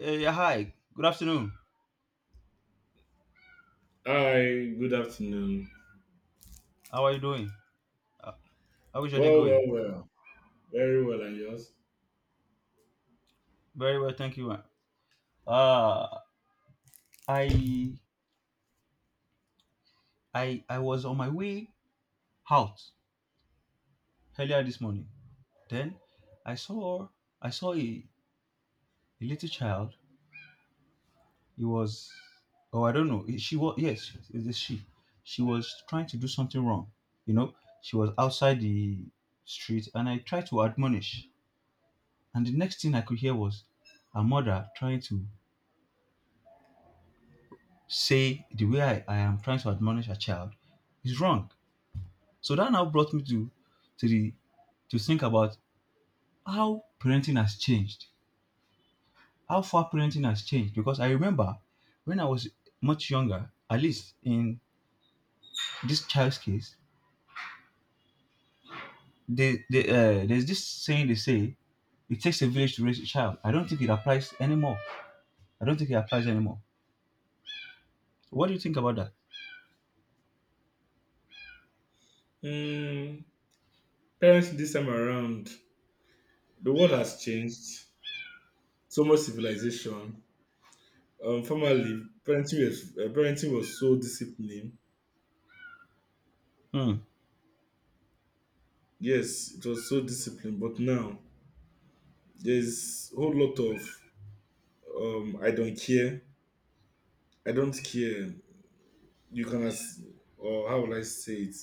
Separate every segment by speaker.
Speaker 1: Yeah, hi. Good afternoon.
Speaker 2: Hi, good afternoon.
Speaker 1: How are you doing? Uh, how is your day
Speaker 2: Well, well,
Speaker 1: going?
Speaker 2: well. very well, and yours?
Speaker 1: Very well, thank you. Uh, I I was on my way out earlier this morning. Then I saw I saw a little child. He was, oh, I don't know. She was, yes, it's a she. She was trying to do something wrong. You know, she was outside the street, and I tried to admonish. And the next thing I could hear was her mother trying to say the way I am trying to admonish a child is wrong. So that now brought me to the to think about how parenting has changed, how far parenting has changed. Because I remember when I was much younger, at least in this child's case, there's this saying they say it takes a village to raise a child. I don't think it applies anymore. I don't think it applies anymore. What do you think about that?
Speaker 2: Mm, Parents this time around, the world has changed. So much civilization. Formerly, parenting was so disciplined.
Speaker 1: Hmm,
Speaker 2: Yes, it was so disciplined. But now there's a whole lot of I don't care. I don't care. You can ask, or how will I say it?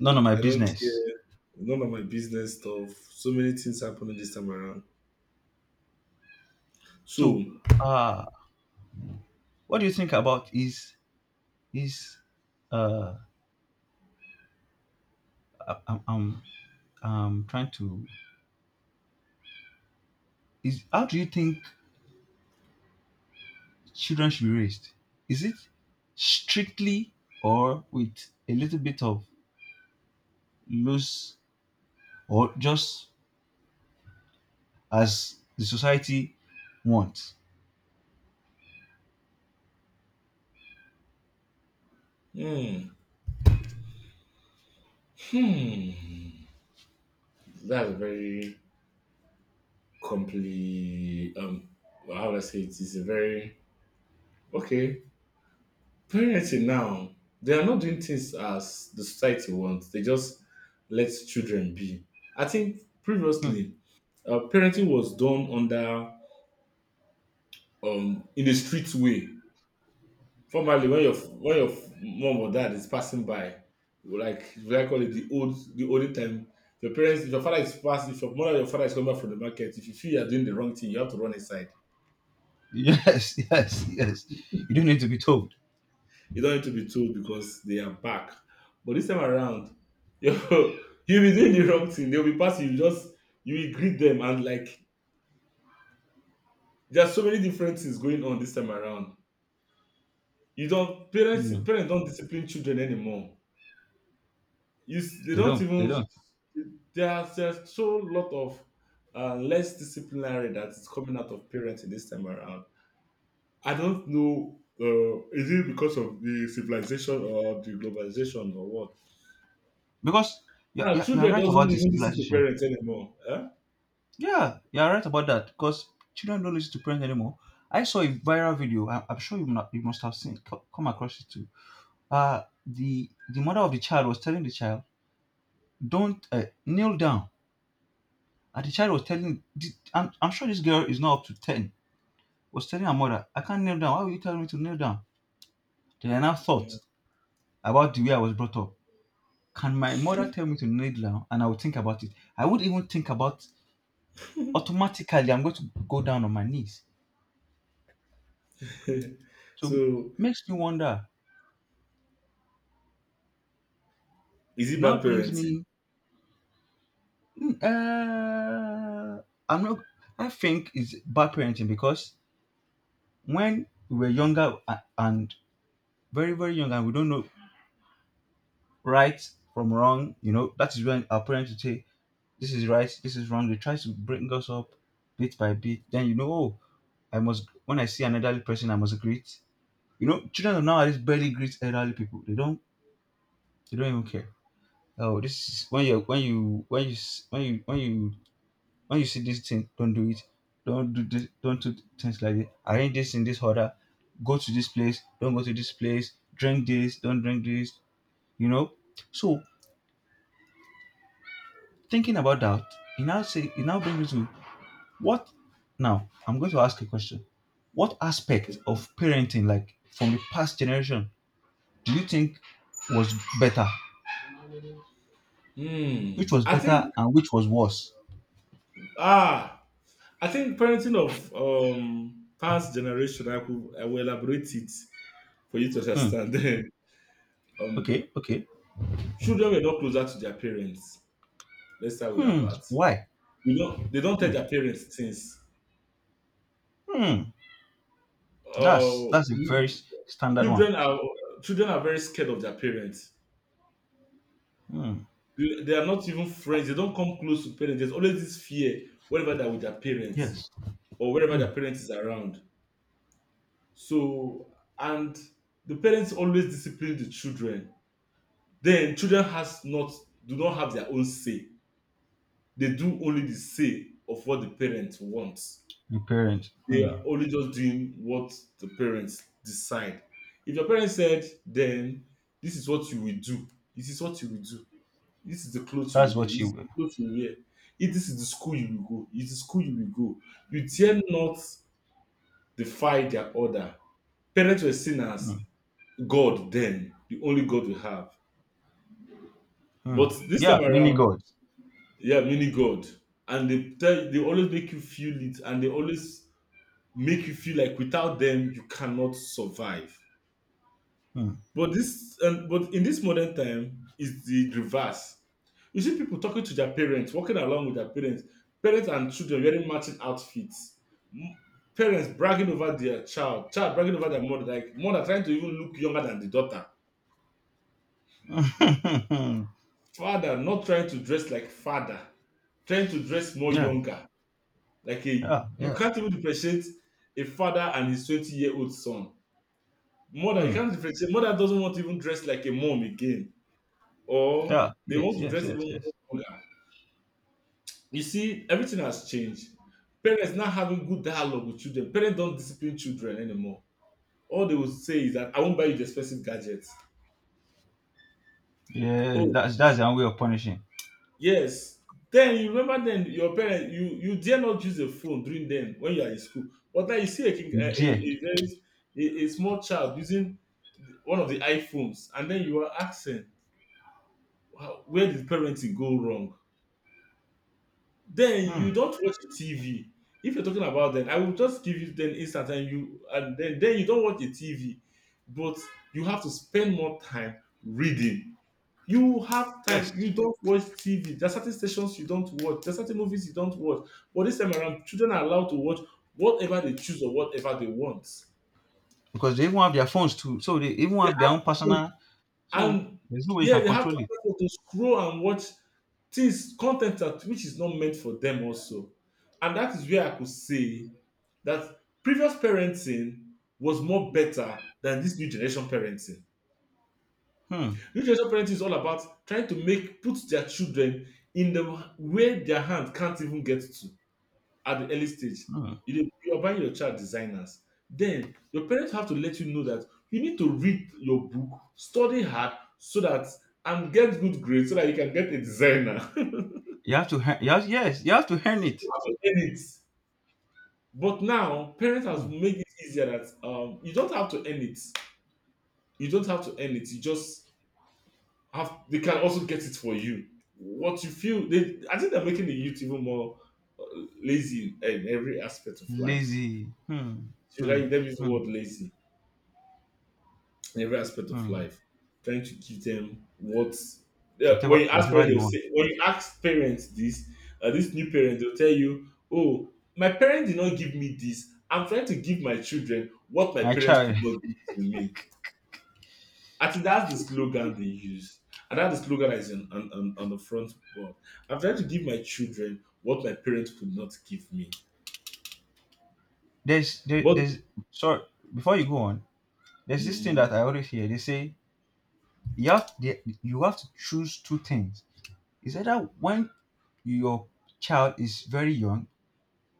Speaker 1: none of my
Speaker 2: I don't
Speaker 1: business.
Speaker 2: care. None of my business stuff. So many things happening this time around. So.
Speaker 1: So, uh, what do you think about is uh I- I'm, I'm I'm trying to is how do you think children should be raised? Is it strictly or with a little bit of loose or just as the society wants?
Speaker 2: Hmm. Hmm. That's a very compli. How would I say it? It's a very okay parenting now. They are not doing things as the society wants. They just let children be. I think
Speaker 1: Hmm.
Speaker 2: previously, parenting was done under in a street way. Formerly, when your mom or dad is passing by, like should I call it the olden time, your parents, if your father is passing, if your mother or your father is coming back from the market, if you feel you are doing the wrong thing, you have to run aside.
Speaker 1: Yes, yes, yes. You don't need to be told.
Speaker 2: You don't need to be told because they are back. But this time around, you you'll be doing the wrong thing. They'll be passing. You just you will greet them, and like there are so many different things going on this time around. You don't parents
Speaker 1: Hmm.
Speaker 2: parents don't discipline children anymore. You s- they
Speaker 1: They
Speaker 2: don't
Speaker 1: don't. They
Speaker 2: even,
Speaker 1: don't.
Speaker 2: there's so lot of less disciplinary that is coming out of parenting this time around. I don't know. Is it because of the civilization or the globalization or what?
Speaker 1: Because
Speaker 2: Now
Speaker 1: you're
Speaker 2: children
Speaker 1: right
Speaker 2: doesn't
Speaker 1: about the
Speaker 2: even listen to
Speaker 1: civilization.
Speaker 2: parents anymore. Huh?
Speaker 1: Yeah, you're right about that because children don't listen to parents anymore. I saw a viral video. I'm sure you must have seen, come across it too. The mother of the child was telling the child, "Don't, kneel down," and the child was telling. I'm sure this girl is not up to 10. Was telling her mother, "I can't kneel down. Why are you telling me to kneel down?" Then I now
Speaker 2: Hmm.
Speaker 1: thought about the way I was brought up. Can my mother tell me to kneel down, and I would think about it? I would even think about automatically. I'm going to go down on my knees. So
Speaker 2: So
Speaker 1: makes me wonder.
Speaker 2: is it
Speaker 1: Now
Speaker 2: bad
Speaker 1: brings
Speaker 2: parenting?
Speaker 1: me. mm, Uh, I'm not. I think it's bad parenting because when we were younger and very very young and we don't know right from wrong, you know that is when our parents would say this is right, this is wrong. They try to bring us up bit by bit. Then you know, oh, I must. When I see an elderly person, I must greet. Children of nowadays barely greet elderly people. They don't. They don't even care. Oh, this is when you when you when you see this thing, don't do it, don't do this, don't do things like this, arrange this in this order, go to this place, don't go to this place, drink this, don't drink this, you know so thinking about that, it now brings me to what. Now I'm going to ask a question: what aspect of parenting, like from the past generation, do you think was better?
Speaker 2: Hmm.
Speaker 1: Which was
Speaker 2: I
Speaker 1: better
Speaker 2: think
Speaker 1: and which was worse?
Speaker 2: ah, I think parenting of past generation. I will elaborate it for you to
Speaker 1: Hmm,
Speaker 2: understand. um,
Speaker 1: okay, okay.
Speaker 2: Children were not closer to their parents. Let's start with that
Speaker 1: Hmm,
Speaker 2: part.
Speaker 1: why?
Speaker 2: We don't. They don't tell
Speaker 1: Hmm,
Speaker 2: their parents things.
Speaker 1: hmm. that's
Speaker 2: Uh,
Speaker 1: that's a very
Speaker 2: we-
Speaker 1: standard one.
Speaker 2: children are children are very scared of their parents.
Speaker 1: Hmm.
Speaker 2: They are not even friends. They don't come close to parents. There's always this fear wherever they're with their parents
Speaker 1: Yes.
Speaker 2: or wherever
Speaker 1: Hmm.
Speaker 2: their parents is around. So and the parents always discipline the children. Then children has not do not have their own say. They do only the say of what the parents wants.
Speaker 1: Your parents.
Speaker 2: They
Speaker 1: Hmm.
Speaker 2: are only just doing what the parents decide. If your parents said, then this is what you will do. This is what you will do. This is the clothes you
Speaker 1: That's
Speaker 2: wear.
Speaker 1: what
Speaker 2: This
Speaker 1: you
Speaker 2: is
Speaker 1: were.
Speaker 2: the clothes you wear. If this is the school you will go, it is the school you will go. You dare not defy their order. Parents were seen as
Speaker 1: Hmm.
Speaker 2: God then, the only God we have.
Speaker 1: Hmm.
Speaker 2: But this
Speaker 1: Yeah,
Speaker 2: time
Speaker 1: mini
Speaker 2: around,
Speaker 1: gods.
Speaker 2: yeah, mini God. And they tell they always make you feel it, and they always make you feel like without them you cannot survive.
Speaker 1: Hmm.
Speaker 2: But this, and but in this modern time, is the reverse. You see people talking to their parents, walking along with their parents, parents and children wearing matching outfits. M- parents bragging over their child, child bragging over their mother, like mother trying to even look younger than the daughter, father not trying to dress like father, trying to dress more
Speaker 1: Yeah.
Speaker 2: younger. Like a
Speaker 1: Yeah.
Speaker 2: you
Speaker 1: Yeah.
Speaker 2: can't even differentiate a father and his 20 year old son. Mother, you
Speaker 1: Hmm.
Speaker 2: can't differentiate. Mother doesn't want to even dress like a mom again, or
Speaker 1: Yeah.
Speaker 2: they
Speaker 1: Yes.
Speaker 2: want to
Speaker 1: Yes.
Speaker 2: dress even
Speaker 1: Yes. Yes.
Speaker 2: more vulgar. You see, everything has changed. Parents not having good dialogue with children. Parents don't discipline children anymore. All they will say is that I won't buy you the expensive gadgets.
Speaker 1: Yeah.
Speaker 2: Oh,
Speaker 1: That's their way of punishing.
Speaker 2: yes. Then you remember then your parents you dare not use a phone during then when you are in school. But now you see a king,
Speaker 1: You dare.
Speaker 2: a very a small child using one of the iPhones, and then you are asking, wow, where did parenting go wrong? Then you
Speaker 1: Hmm.
Speaker 2: don't watch the TV. If you're talking about then, I will just give you then instant and you and then you don't watch the TV, but you have to spend more time reading. You have time. You
Speaker 1: Yes.
Speaker 2: don't watch TV. There are certain stations you don't watch. There are certain movies you don't watch. But this time around, children are allowed to watch whatever they choose or whatever they want.
Speaker 1: Because they even have their phones too, so they even
Speaker 2: They
Speaker 1: have their
Speaker 2: have
Speaker 1: own
Speaker 2: no.
Speaker 1: personal. So
Speaker 2: And
Speaker 1: there's no way you
Speaker 2: yeah,
Speaker 1: can
Speaker 2: they have
Speaker 1: control it.
Speaker 2: access to scroll and watch things content that which is not meant for them also. And that is where I could say that previous parenting was more better than this new generation parenting.
Speaker 1: Hmm.
Speaker 2: New generation parenting is all about trying to make put their children in the where their hand can't even get to at the early stage.
Speaker 1: Hmm.
Speaker 2: You dey you are buying your child designers, then your parents have to let you know that you need to read your book, study hard, so that and get good grades so that you can get a designer.
Speaker 1: You have to. You have, yes. You have to earn
Speaker 2: You
Speaker 1: it.
Speaker 2: have to earn it, but now parents have
Speaker 1: Hmm.
Speaker 2: made it easier that you don't have to earn it. You don't have to earn it. You just have they can also get it for you what you feel they. I think they're making the youth even more uh, lazy in every aspect of life.
Speaker 1: Lazy. Hmm.
Speaker 2: Should I
Speaker 1: Hmm.
Speaker 2: let me use the
Speaker 1: Hmm.
Speaker 2: word lazy in every aspect of
Speaker 1: Hmm.
Speaker 2: life, trying to give them what. Yeah, when
Speaker 1: Whatever.
Speaker 2: you ask
Speaker 1: Whatever
Speaker 2: parents,
Speaker 1: they
Speaker 2: they'll
Speaker 1: want.
Speaker 2: say, when you ask parents this, this new parents they'll tell you, "Oh, my parents did not give me this. I'm trying to give my children what my
Speaker 1: My
Speaker 2: parents could
Speaker 1: child.
Speaker 2: not give to me." I think that's the slogan they use, and that's the slogan that is on, on the front board. I'm trying to give my children what my parents could not give me.
Speaker 1: there's there,
Speaker 2: But
Speaker 1: there's Sorry, before you go on, there's this thing
Speaker 2: mm,
Speaker 1: that I always hear. They say you have to choose two things. Is either, when your child is very young,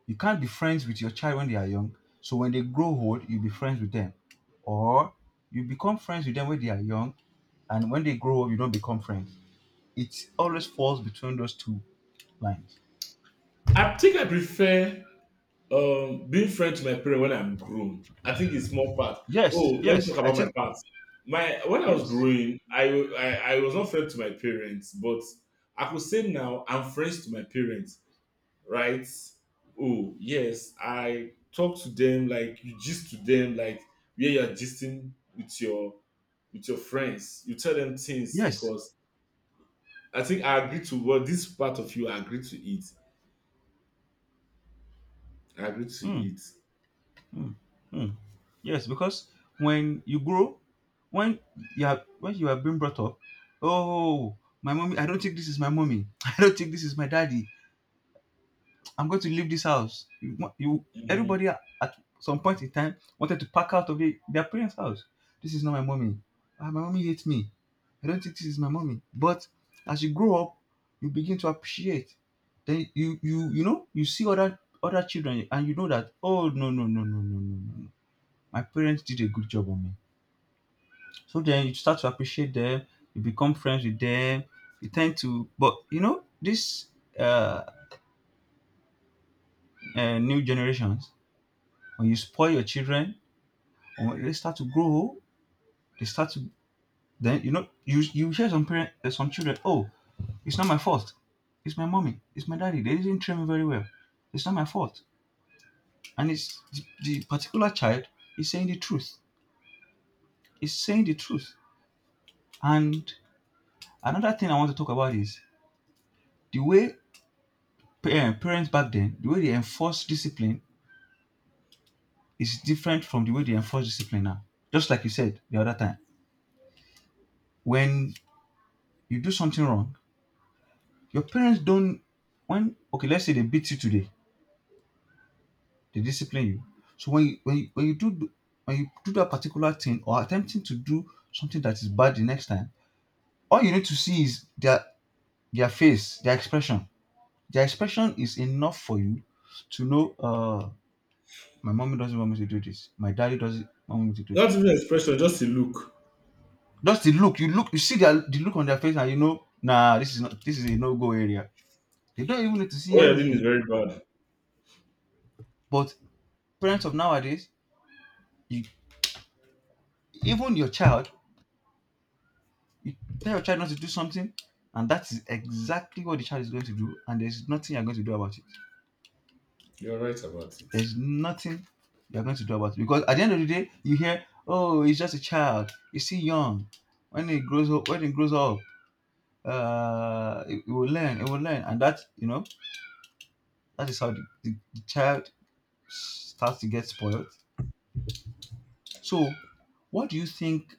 Speaker 1: you can't be friends with your child when they are young. So when they grow old, you be friends with them, or you become friends with them when they are young, and when they grow up, you don't become friends. It always falls between those two lines.
Speaker 2: I think I prefer being friend to my parents when I'm grown, I think it's more part.
Speaker 1: Yes,
Speaker 2: Oh, let me
Speaker 1: yes,
Speaker 2: talk
Speaker 1: I
Speaker 2: about my
Speaker 1: think
Speaker 2: part. My when I was
Speaker 1: yes,
Speaker 2: growing, I was not friend to my parents, but I could say now I'm friends to my parents, right? Oh yes, I talk to them like you gist to them like where you're gisting with your friends. You tell them things
Speaker 1: yes.
Speaker 2: because I think I agree to what this part of you I agree to it. I agree to
Speaker 1: Hmm.
Speaker 2: it.
Speaker 1: Mm, mm. Yes, because when you grow, when when you have been brought up, oh, my mommy, I don't think this is my mommy. I don't think this is my daddy. I'm going to leave this house. You, want- you
Speaker 2: Mhm.
Speaker 1: Everybody at some point in time wanted to pack out of their parents' house. This is not my mommy. Ah, my mommy hates me. I don't think this is my mommy. But as you grow up, you begin to appreciate. Then you know you see other children and you know that, oh, no, no, no, no, no, no, no, no, my parents did a good job on me. So then you start to appreciate them, you become friends with them, you tend to, but this uh, new generations, when you spoil your children, or when they start to grow, they start to, then you know you you hear some parents, some children, oh, it's not my fault. It's my mommy, it's my daddy, they didn't train me very well. It's not my fault. And it's the particular child is saying the truth. It's saying the truth. And another thing I want to talk about is the way parents back then, the way they enforce discipline is different from the way they enforce discipline now. Just like you said the other time, when you do something wrong, your parents don't. When okay, let's say they beat you today, they discipline you. So when you do that particular thing, or attempting to do something that is bad the next time, all you need to see is their face, their expression. Their expression is enough for you to know. My mommy doesn't want me to do this. My daddy doesn't want me to do
Speaker 2: Not
Speaker 1: this.
Speaker 2: even expression, just a look.
Speaker 1: Just the look, you see the look on their face, and you know, nah, this is not, this is a no-go area. They don't even need to see
Speaker 2: What you're doing is
Speaker 1: anything.
Speaker 2: very bad.
Speaker 1: But parents of nowadays, you even your child, you tell your child not to do something, and that is exactly what the child is going to do, and there's nothing you're going to do about it.
Speaker 2: You're right about it.
Speaker 1: There's nothing you're going to do about it because at the end of the day, you hear, oh, he's just a child, he's still young. When he grows up, he will learn, and that is how the child starts to get spoiled. So, what do you think?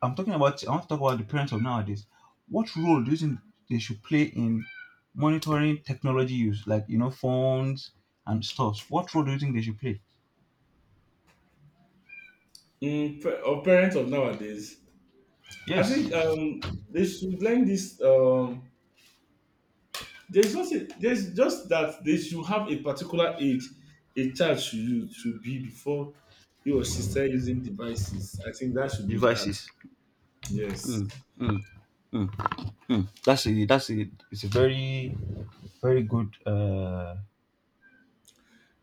Speaker 1: I'm talking about. I want to talk about the parents of nowadays. What role do you think they should play in monitoring technology use, like phones and stores? What role do you think they should play?
Speaker 2: Pa- of parents of nowadays, I
Speaker 1: Yes,
Speaker 2: think they should learn this. There's not a, there's just that they should have a particular age a child should use to be before he or she start using devices. I think that should be that.
Speaker 1: devices.
Speaker 2: Yes.
Speaker 1: Mm, mm, mm, mm. That's a It's a very very good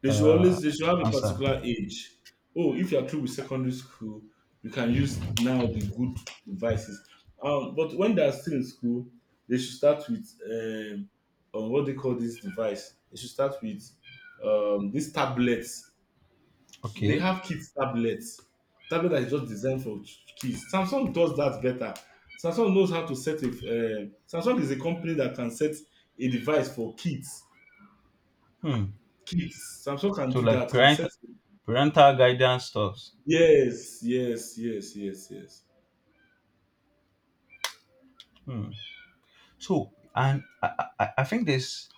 Speaker 2: They should
Speaker 1: uh,
Speaker 2: always they should have a
Speaker 1: answer.
Speaker 2: particular age. Oh, if you're through with secondary school, you can use now the good devices. But when they're still in school, they should start with what they call this device. They should start with these tablets. They
Speaker 1: Okay.
Speaker 2: have kids tablets. Tablet that is just designed for ch- kids. Samsung does that better. Samsung knows how to set a. Samsung is a company that can set a device for kids.
Speaker 1: Hmm.
Speaker 2: Kids. Samsung can
Speaker 1: So,
Speaker 2: do
Speaker 1: like
Speaker 2: that. Can set.
Speaker 1: parental guidance stuff.
Speaker 2: Yes, yes, yes, yes, yes.
Speaker 1: Hmm. So, and I think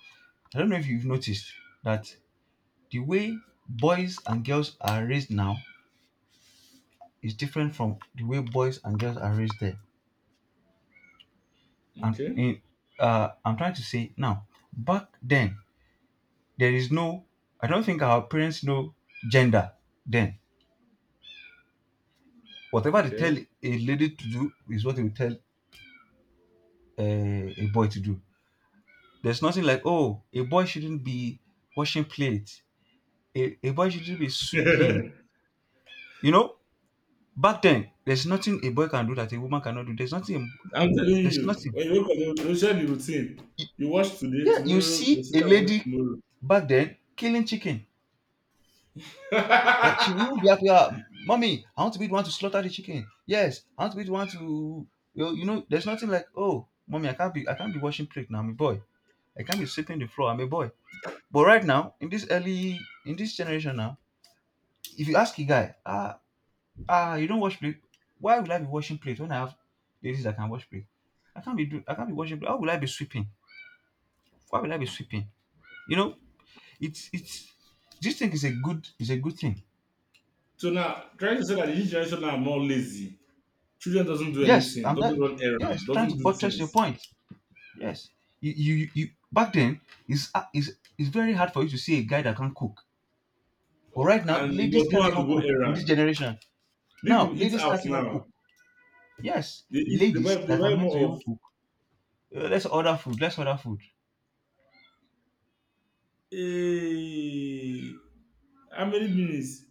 Speaker 1: I don't know if you've noticed that the way boys and girls are raised now is different from the way boys and girls are raised there. And
Speaker 2: Okay,
Speaker 1: in, I'm trying to say now, back then, there is no, I don't think our parents know gender then. Whatever they tell
Speaker 2: okay.
Speaker 1: a lady to do is what they will tell, a boy to do. There's nothing like, oh, a boy shouldn't be washing plates, a boy shouldn't be sweeping. You know, Back then, there's nothing a boy can do that a woman cannot do. There's nothing.
Speaker 2: I'm telling
Speaker 1: There's
Speaker 2: you,
Speaker 1: nothing.
Speaker 2: when you wake up, you share the routine.
Speaker 1: Y-
Speaker 2: You watch today,
Speaker 1: Yeah, you
Speaker 2: tomorrow, your
Speaker 1: see a
Speaker 2: sister watch
Speaker 1: lady
Speaker 2: tomorrow.
Speaker 1: back then killing chicken. Like, she will be happy. "Ah, mommy, I want to be the one to slaughter the chicken. Yes, I want to be the one to." You know, there's nothing like, oh, mommy, I can't be. I can't be washing plate now. I'm a boy. I can't be sweeping the floor. I'm a boy. But right now, in this generation now, if you ask a guy, Ah, you don't wash plate. Why would I be washing plate when I have ladies that can wash plate? I can't be do. I can't be washing plate. How will I be sweeping? Why will I be sweeping? You know, it's it's. This thing is a good thing.
Speaker 2: So now, trying to say that the youth generation now are not lazy. Children doesn't do
Speaker 1: Yes,
Speaker 2: anything,
Speaker 1: I'm that.
Speaker 2: doesn't run
Speaker 1: Yes,
Speaker 2: errand,
Speaker 1: trying to
Speaker 2: doesn't do
Speaker 1: buttress your
Speaker 2: things.
Speaker 1: point. Yes, you back then is it's very hard for you to see a guy that can cook. But
Speaker 2: Oh,
Speaker 1: right now,
Speaker 2: and you
Speaker 1: ladies
Speaker 2: must know
Speaker 1: can't
Speaker 2: how to
Speaker 1: even
Speaker 2: go
Speaker 1: cook in this
Speaker 2: errand.
Speaker 1: generation. Now,
Speaker 2: People eat
Speaker 1: ladies
Speaker 2: out
Speaker 1: can't even
Speaker 2: now.
Speaker 1: cook. Yes,
Speaker 2: They eat,
Speaker 1: ladies
Speaker 2: they
Speaker 1: that are
Speaker 2: buy
Speaker 1: meant to
Speaker 2: more
Speaker 1: even
Speaker 2: of,
Speaker 1: cook. Let's order food. Let's order food.
Speaker 2: hey, how many minutes?